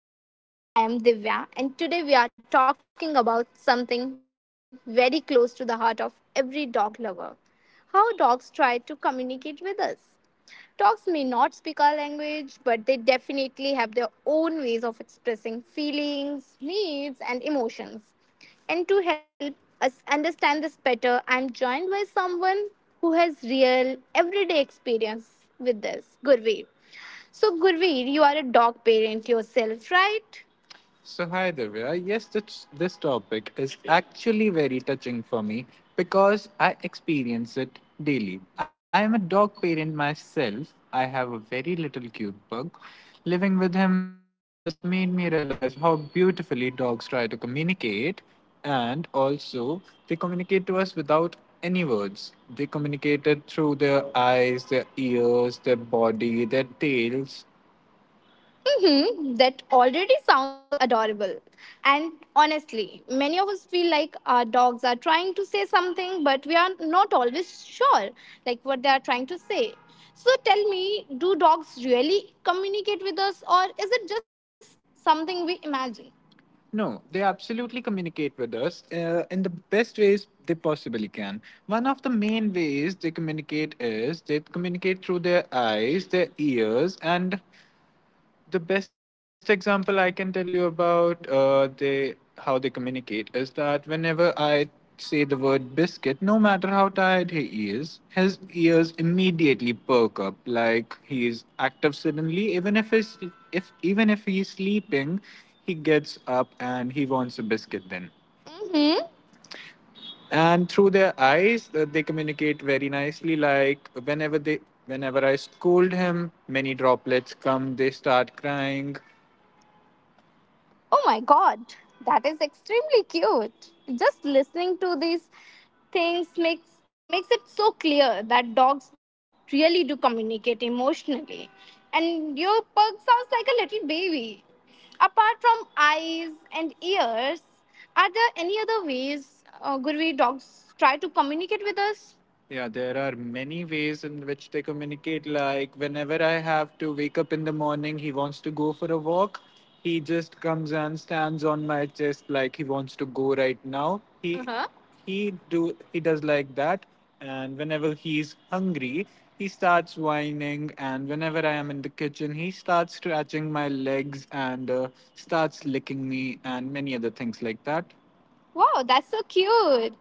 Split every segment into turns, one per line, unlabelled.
Welcome to our podcast. I am Divya, and today we are talking about something very close to the heart of every dog lover, how dogs try to communicate with us. Dogs may not speak our language, but they definitely have their own ways of expressing feelings, needs, and emotions. And to help us understand this better, I'm joined by someone who has real everyday experience with this, Gurveer. So, Gurveer, you are a dog parent yourself, right? So, hi Divya. Yes, this topic is actually very touching for me because I experience it daily. I am a dog parent myself. I have a very little cute pug. Living with him has made me realize how beautifully dogs try to communicate, and also they communicate to us without any words. They communicate it through their eyes, their ears, their body, their tails. Hmm, that already sounds adorable. And honestly, many of us feel like our dogs are trying to say something, but we are not always sure like what they are trying to say. So tell me, do dogs really communicate with us or is it just something we imagine? No, they absolutely communicate with us in the best ways they possibly can. One of the main ways they communicate is they communicate through their eyes, their ears, and the best example I can tell you about they how they communicate is that whenever I say the word biscuit, no matter how tired he is, his ears immediately perk up like he is active suddenly. Even if he's sleeping, he gets up and he wants a biscuit then. Mm-hmm. And through their eyes they communicate very nicely, like whenever I scold him, many droplets come, they start crying. Oh my god, that is extremely cute. Just listening to these things makes it so clear that dogs really do communicate emotionally. And your pug sounds like a little baby. Apart from eyes and ears, are there any other ways, Gurvi, dogs try to communicate with us? Yeah, there are many ways in which they communicate. Like, whenever I have to wake up in the morning, he wants to go for a walk. He just comes and stands on my chest like he wants to go right now. He Uh-huh. he do he does like that. And whenever he's hungry, he starts whining. And whenever I am in the kitchen, he starts scratching my legs and starts licking me and many other things like that. Wow, that's so cute.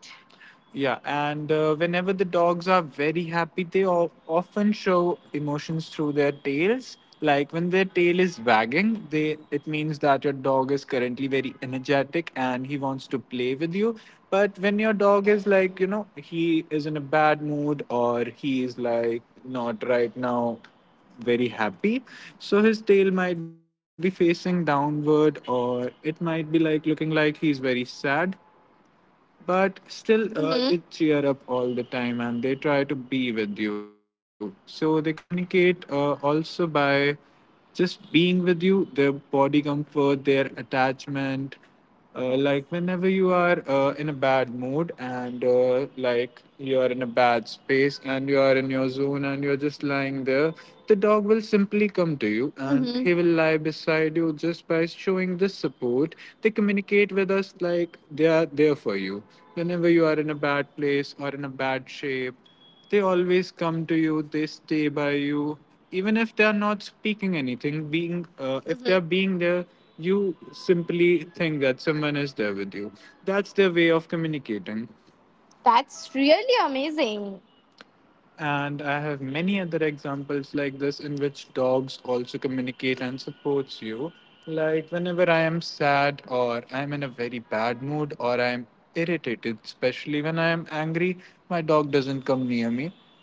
Yeah, and whenever the dogs are very happy, they all often show emotions through their tails. Like when their tail is wagging, they it means that your dog is currently very energetic and he wants to play with you. But when your dog is like, you know, he is in a bad mood or he is like not right now very happy, so his tail might be facing downward or it might be like looking like he's very sad. But still they cheer up all the time and they try to be with you, so they communicate also by just being with you, their body comfort, their attachment. Like whenever you are in a bad mood and like you are in a bad space and you are in your zone and you're just lying there, the dog will simply come you, and Mhm. he will lie beside you just by showing this support. They communicate with us like they are there for you. Whenever you are in a bad place or in a bad shape, they always come to you, they stay by you. Even if they are not speaking anything, being if they are being there, you simply think that someone is there with you. That's their way of communicating. That's really amazing. And I have many other examples like this in which dogs also communicate and supports you. Like whenever I am sad or I'm in a very bad mood or I'm irritated, especially when I am angry, my dog doesn't come near me.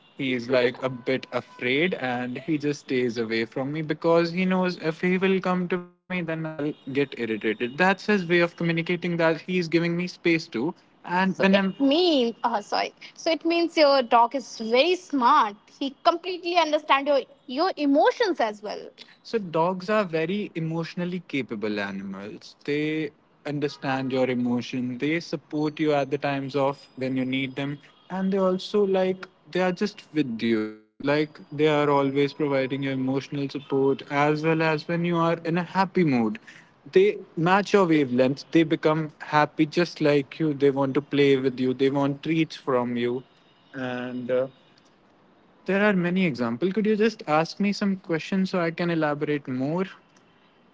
He's like a bit afraid and he just stays away from me because he knows if he will come to me, then I'll get irritated. That's his way of communicating that he's giving me space to and So when I'm it means, sorry. So it means your dog is very smart. He completely understands your emotions as well. So dogs are very emotionally capable animals. They understand your emotion. They support you at the times of when you need them, and they also like they are just with you. Like they are always providing you emotional support as well as when you are in a happy mood. They match your wavelength. They become happy just like you. They want to play with you. They want treats from you, and there are many examples. Could you just ask me some questions so I can elaborate more?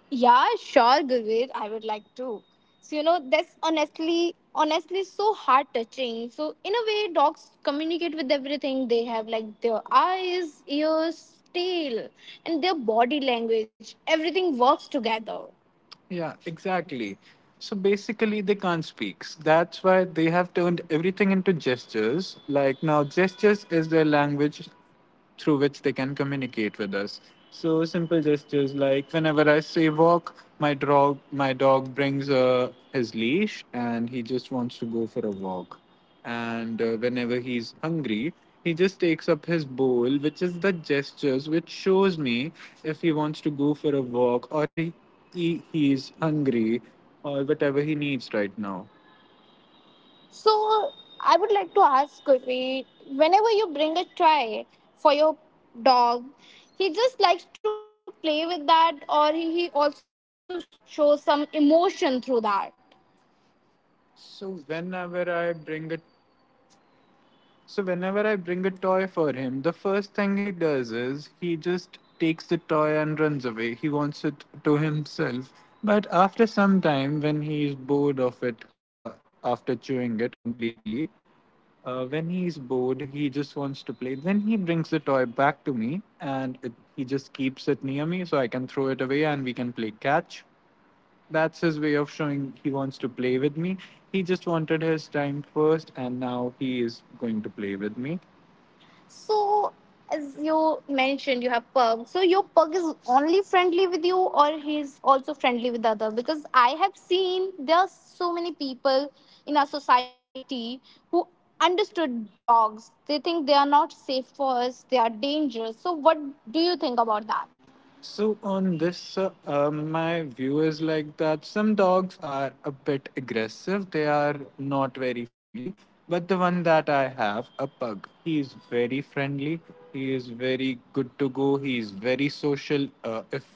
Yeah, sure, Gurveer. I would like to. So you know, that's honestly, so heart touching. So in a way, dogs communicate with everything. They have like their eyes, ears, tail, and their body language. Everything works together. Yeah, exactly. So basically, they can't speak. That's why they have turned everything into gestures. Like now, gestures is their language through which they can communicate with us. So simple gestures like whenever I say walk, my dog brings his leash and he just wants to go for a walk, and whenever he's hungry, he just takes up his bowl, which is the gestures which shows me if he wants to go for a walk or he he's hungry or whatever he needs right now. So I would like to ask Gurpreet, whenever you bring a toy for your dog, he just likes to play with that or he also shows some emotion through that. so whenever i bring a So whenever I bring a toy for him, the first thing he does is he just takes the toy and runs away. He wants it to himself. But after some time, when he is bored of it, after chewing it completely, when he is bored, he just wants to play. Then he brings the toy back to me, and he just keeps it near me so I can throw it away and we can play catch. That's his way of showing he wants to play with me. He just wanted his time first, and now he is going to play with me. So, as you mentioned, you have pug. So your pug is only friendly with you, or he's also friendly with other? Because I have seen there are so many people in our society who understood dogs. They think they are not safe for us. They are dangerous. So what do you think about that? So on this, my view is like that some dogs are a bit aggressive. They are not very friendly. But the one that I have, a pug, he is very friendly. He is very good to go. He is very social. If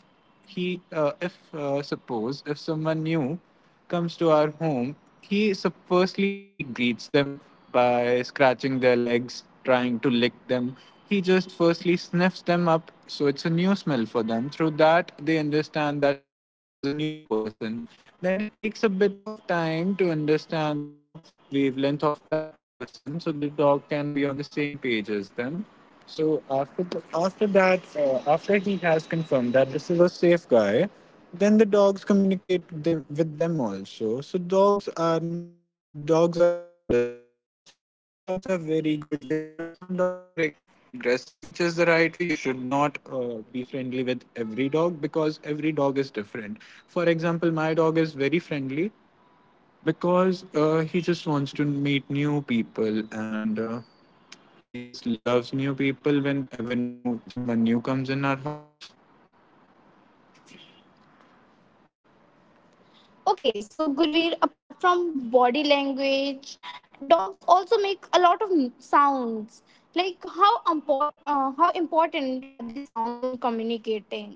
he if Suppose if someone new comes to our home, firstly he greets them by scratching their legs, trying to lick them. He just firstly sniffs them up, so it's a new smell for them. Through that they understand that this is a new person. Then it takes a bit of time to understand the wavelength of that person so the dog can be on the same page as them. So after that, after he has confirmed that this is a safe guy, then the dogs communicate them, with them also. So dogs are not dogs are misunderstood, but some dogs are very good, whereas some dogs are aggressive, which is the right way. You should not be friendly with every dog because every dog is different. For example, my dog is very friendly because he just wants to meet new people and he just loves new people whenever new someone new comes
Dogs also make a lot of sounds. Like how important are these sounds in communicating?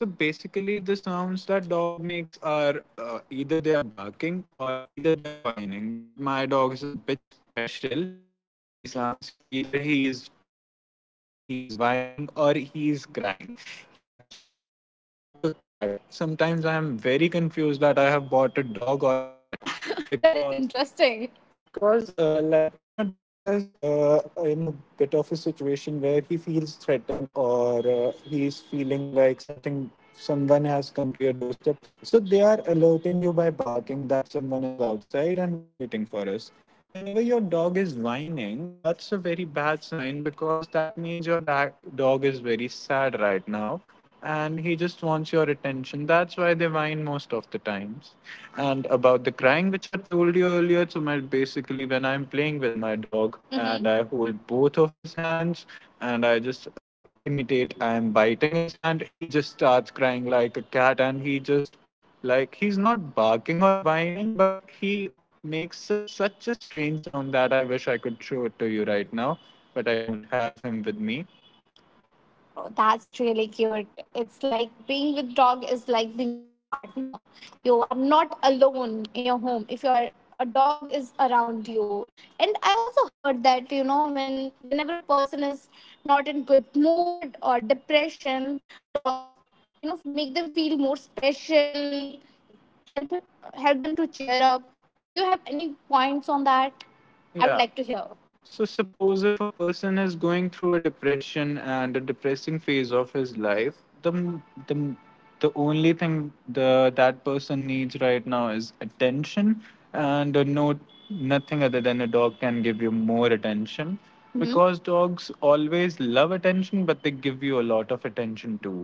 So basically, the sounds that dog makes are, either they are barking or either they are whining. But my dog is a bit special. He makes three sounds: either he is barking, Mhm, or mm-hmm, he is whining, or he is crying. He actually cries like a cat. Sometimes I am very confused that I have bought a dog or a cat that's because interesting because, like when your dog is in a bit of a situation where he feels threatened, or he's feeling like something someone has come to your doorstep, so they are alerting you by barking that someone is outside and is waiting for us. Whenever your dog is whining, that's a very bad sign, because that means your dog is very sad right now and he just wants your attention. That's why they whine most of the times. And about the crying, which I told you earlier, so my basically when I'm playing with my dog and Mm-hmm, I hold both of his hands and I just imitate I'm biting his hand, he just starts crying like a cat. And he just, like, he's not barking or whining, but he makes such a strange sound that I wish I could show it to you right now, but I don't have him with me. Oh, that's really cute. It's like being with dog is like being with your partner. You are not alone in your home if you are, a dog is around you. And I've also heard that, you know, when whenever a person is not in good mood or depression, dogs, you know, make them feel more special, help, help them to cheer up. Do you have any points on that? I would, Yeah, like to hear. So, suppose if a person is going through a depression and a depressing phase of his life, the m- the m- the only thing the that person needs right now is attention, and nothing other than a dog can give you more attention, Mhm, because dogs always love attention, but they give you a lot of attention too.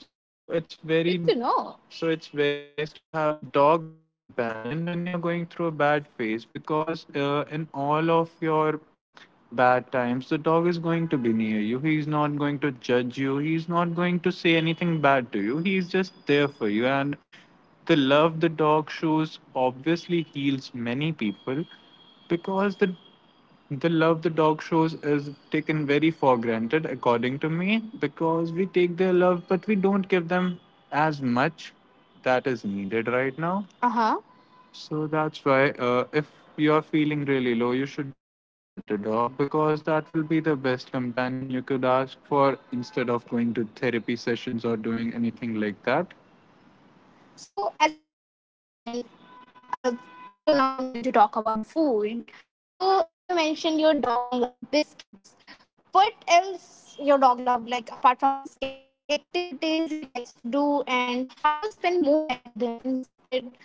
So it's very, Good to know, so it's very nice to have a dog as a companion when you're going through a bad phase, because in all of your bad times, the dog is going to be near you. He's not going to judge you, he's not going to say anything bad to you, he's just there for you. And the love the dog shows obviously heals many people, because the love the dog shows is taken very for granted, according to me, because we take their love, but we don't give them as much that is needed right now. Uh huh. So that's why, if you are feeling really low, you should really get a dog, because that will be the best companion you could ask for, instead of going to therapy sessions or doing anything like that. So, as you mentioned, uh, so now I'm going to talk about food. So, as you mentioned, your dog loved biscuits. What else your dog loved, like apart from biscuit? What activities he likes to do, and how you spend more time with him instead,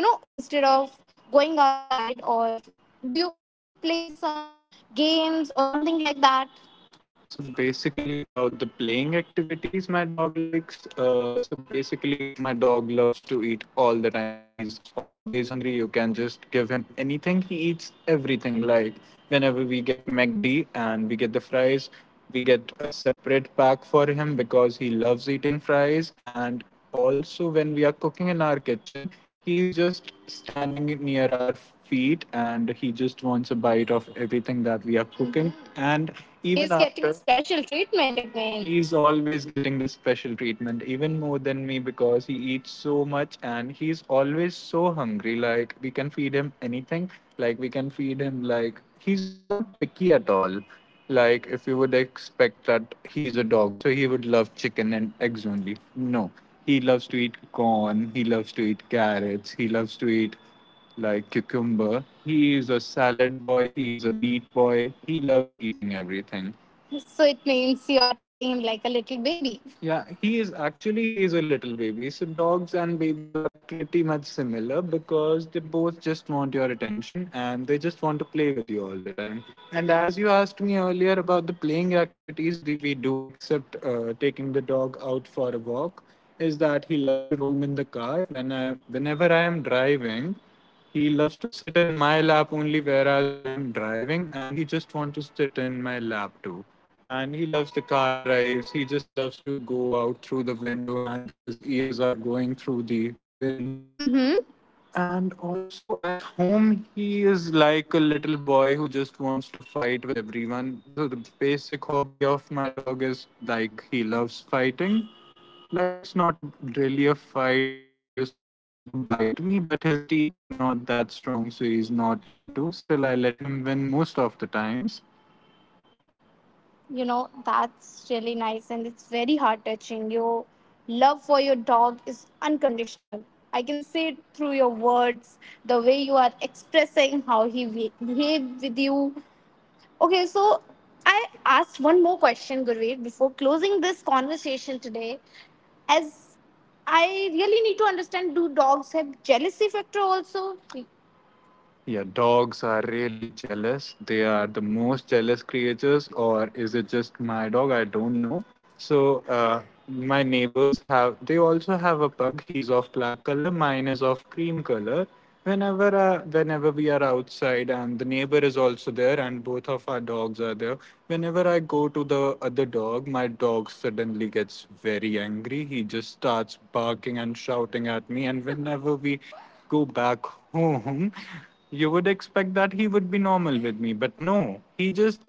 instead of going outside, or do you also play some games or something like that? So basically, about the playing activities my dog likes. So basically, my dog loves to eat all the time. He's always hungry. You can just give him anything, he eats everything. Like whenever we get McD and we get the fries, we get a separate pack for him because he loves eating fries. And also when we are cooking in our kitchen, he is just standing near our feet and he just wants a bite of everything that we are cooking. And even, He's getting after special treatment, it means, he's always getting the special treatment even more than me, because he eats so much and he's always so hungry. Like, we can feed him anything, like we can feed him, like he's not picky at all. Like, if you would expect that he's a dog so he would love chicken and eggs only, no, he loves to eat corn. He loves to eat carrots. He loves to eat like cucumber. He is a salad boy. He is a meat boy. He loves eating everything. So it means you are treating him like a little baby. Yeah, he is actually, he is a little baby. So dogs and babies are pretty much similar, because they both just want your attention and they just want to play with you all the time. And as you asked me earlier about the playing activities that we do, except taking the dog out for a walk, is that he loves to roam in the car. Whenever I am driving, he loves to sit in my lap only, whereas I am driving, and he just wants to sit in my lap too. And he loves the car drives. He just loves to go out through the window, and his ears are going through the wind. And also at home, he is like a little boy who just wants to fight with everyone. So the basic hobby of my dog is like he loves fighting. Like it's not a Really a fight. He's just trying to bite me, but his teeth are not that strong, so he's not able to. Still, I let him win most of the times. You know, that's really nice and it's very heart touching. Your love for your dog is unconditional. I can see it through your words, the way you are expressing how he behave with you. Okay, so I asked one more question, Gurveer, before closing this conversation today. As I really need to understand, do dogs have jealousy factor also? Yeah, dogs are really jealous. They are the most jealous creatures, or is it just my dog? I don't know. So, my neighbors have, they also have a pug. He's of black color, mine is of cream color. Whenever we are outside, and the neighbor is also there, and both of our dogs are there. Whenever I go to the other dog, my dog suddenly gets very angry. He just starts barking and shouting at me. And whenever we go back home, you would expect that he would be normal with me. But no, he just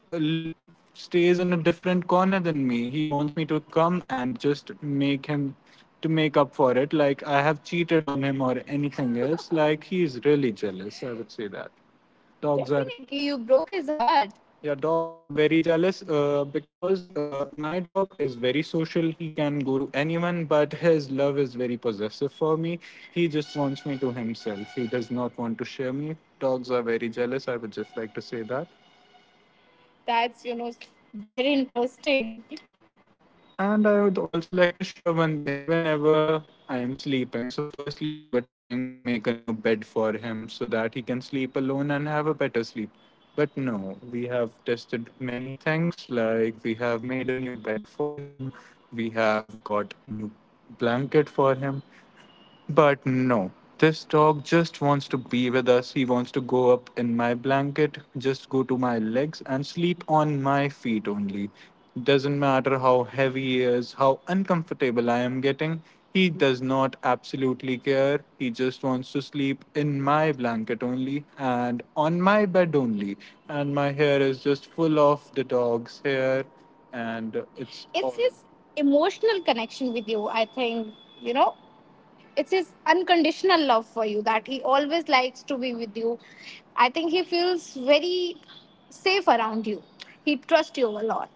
stays in a different corner than me. He wants me to come and just make him to make up for it. Like I have cheated on him or anything else. Like he's really jealous. I would say that dogs are, Definitely, you broke his heart. Yeah, dogs are very jealous, because my dog is very social. He can go to anyone, but his love is very possessive for me. He just wants me to himself. He does not want to share me. Dogs are very jealous. I would just like to say that. That's, you know, very interesting. And I would also like to share one thing, whenever I am sleeping. So, firstly, we were trying to make a new bed for him so that he can sleep alone and have a better sleep. But no, we have tested many things. Like, we have made a new bed for him, we have got a new blanket for him. But no, this dog just wants to be with us. He wants to go up in my blanket, just go to my legs and sleep on my feet only. Doesn't matter how heavy he is, how uncomfortable I am getting. He does not absolutely care. He just wants to sleep in my blanket only and on my bed only. And my hair is just full of the dog's hair. And it's his emotional connection with you, I think. You know, it's his unconditional love for you, that he always likes to be with you. I think he feels very safe around you. He trusts you a lot.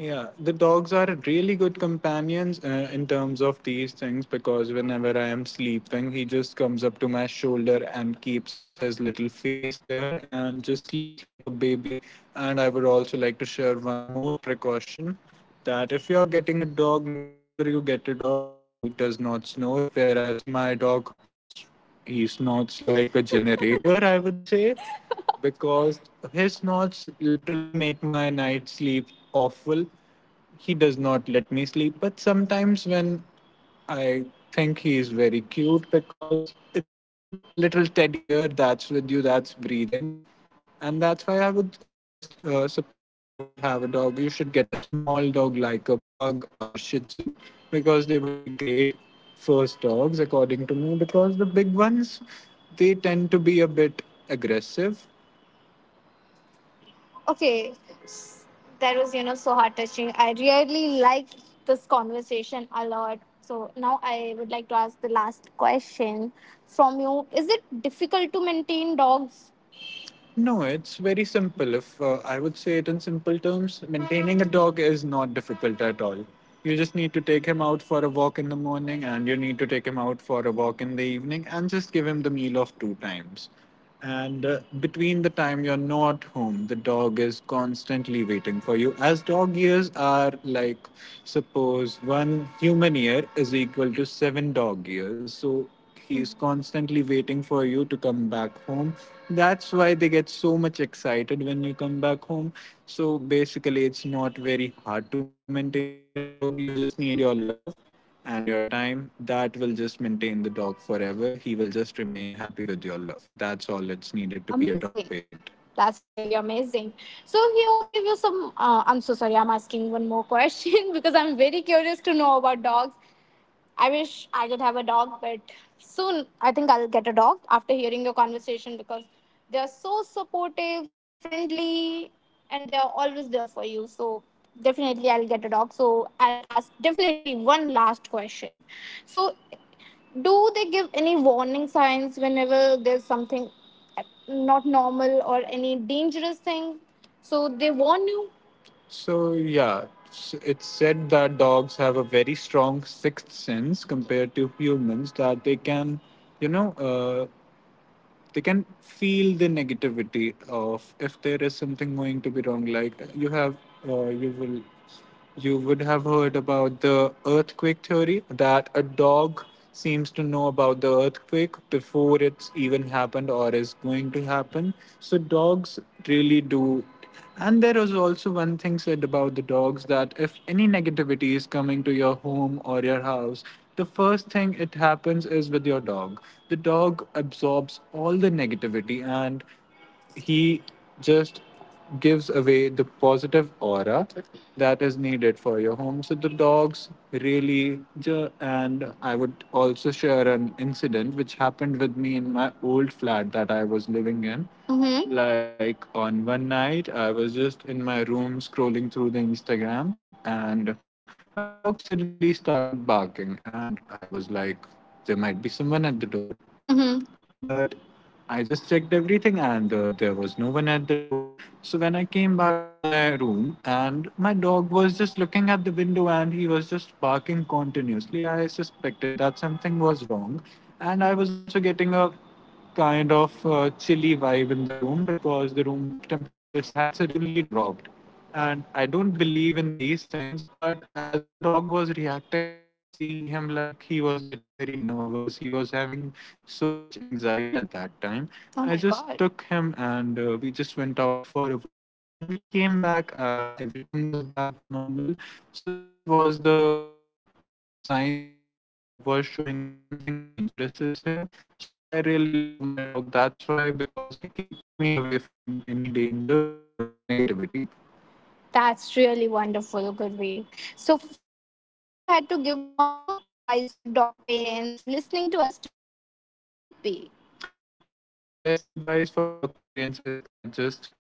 Yeah, the dogs are really good companions in terms of these things, because whenever I am sleeping, he just comes up to my shoulder and keeps his little face there and just sleeps like a baby. And I would also like to share one more precaution, that if you're getting a dog, make sure you get a dog who does not snore, whereas my dog, he snorts like a generator, I would say, because his snorts literally make my night sleep awful. He does not let me sleep. But sometimes when I think, he is very cute because it's like a little teddy bear that's with you, that's breathing. And that's why I would suggest suppose you don't have a dog, you should get a small dog like a pug or a shih tzu because they would be great first dogs, according to me, because the big ones they tend to be a bit aggressive. Okay, s- that was, so heart touching. I really liked this conversation a lot. So now I would like to ask the last question from you. Is it difficult to maintain dogs? No, it's very simple. If I would say it in simple terms, maintaining a dog is not difficult at all. You just need to take him out for a walk in the morning and you need to take him out for a walk in the evening and just give him the meal of two times. And between the time you're not home, the dog is constantly waiting for you. As dog years are like, suppose one human year is equal to 7 dog years. So he's constantly waiting for you to come back home. That's why they get so much excited when you come back home. So basically it's not very hard to maintain a dog. You just need your love and your time that will just maintain the dog forever. He will just remain happy with your love. That's all it's needed to be a dog. Amazing. Parent. That's really amazing. So he also give you some. I'm so sorry. I'm asking one more question because I'm very curious to know about dogs. I wish I could have a dog, but soon I think I'll get a dog after hearing your conversation because they're so supportive, friendly, and they're always there for you. So definitely I'll get a dog. So I'll ask definitely one last question. So do they give any warning signs whenever there's something not normal or any dangerous thing? So they warn you. So, yeah, it's said that dogs have a very strong sixth sense compared to humans that you know, uh, they can feel the negativity of if there is something going to be wrong. Like uh, you will you would have heard about the earthquake theory that a dog seems to know about the earthquake before it's even happened or is going to happen. So, dogs really do. And there was also one thing said about the dogs that if any negativity is coming to your home or your house, the first thing it happens is with your dog. The dog absorbs all the negativity and he just gives away the positive aura that is needed for your home. So the dogs really, and I would also share an incident which happened with me in my old flat that I was living in. Mhm. Like on one night, I was just in my room scrolling through the Instagram, and my dog suddenly started barking, and I was like, there might be someone at the door. Mhm. But I just checked everything and there was no one at the door. So when I came back to my room and my dog was just looking at the window and he was just barking continuously, I suspected that something was wrong. And I was also getting a kind of chilly vibe in the room because the room temperatures had suddenly dropped. And I don't believe in these things, but as my dog was reacting, I was seeing him like he was getting very nervous. He was having so much anxiety at that time. Oh, I my just God took him and we just went out for a walk. And when we came back, everything was back to normal. So that was the sign that my dog was showing that something dangerous is here. So I really love my dog. That's why, because he keeps me away from any dangers and negativity. That's really wonderful, Gurveer. So, finally, if you had to give one advice to dog parents listening to us today, what would it be? So my best advice for dog parents is that just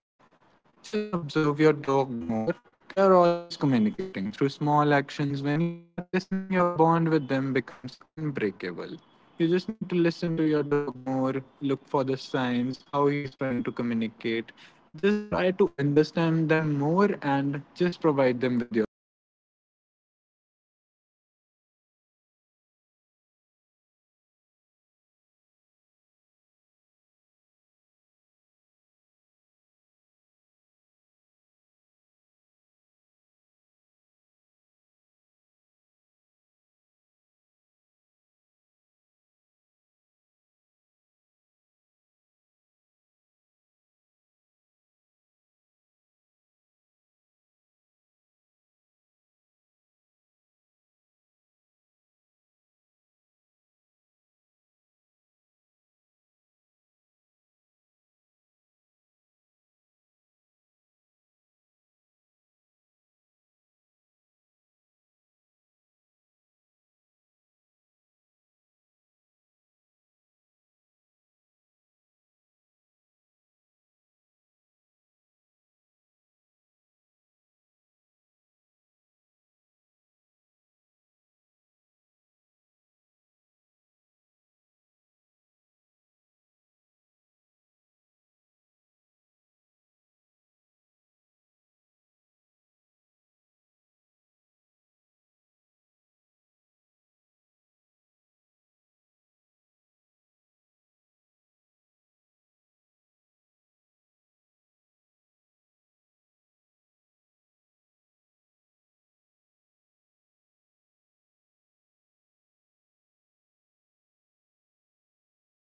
just observe your dog more. They are always communicating through small actions. When you start listening, your bond with them becomes unbreakable. You just need to listen to your dog more, look for the signs, how he's trying to communicate. Just try to understand them more and just provide them with your love. That's the best advice that I can give you. Mm-hmm. I think today's conversation really reminds us of one thing. To, dogs are always talking to us. We just need to learn how to listen. Understanding their small gestures can make huge difference in how we care for them and connect with them emotionally. And thank you so much, Gurveer, for sharing your personal experiences. And thank you so much, everyone, for listening to us. Until next time, observe your dog a little more closely. You might be surprised by how they are trying to say. So, goodbye.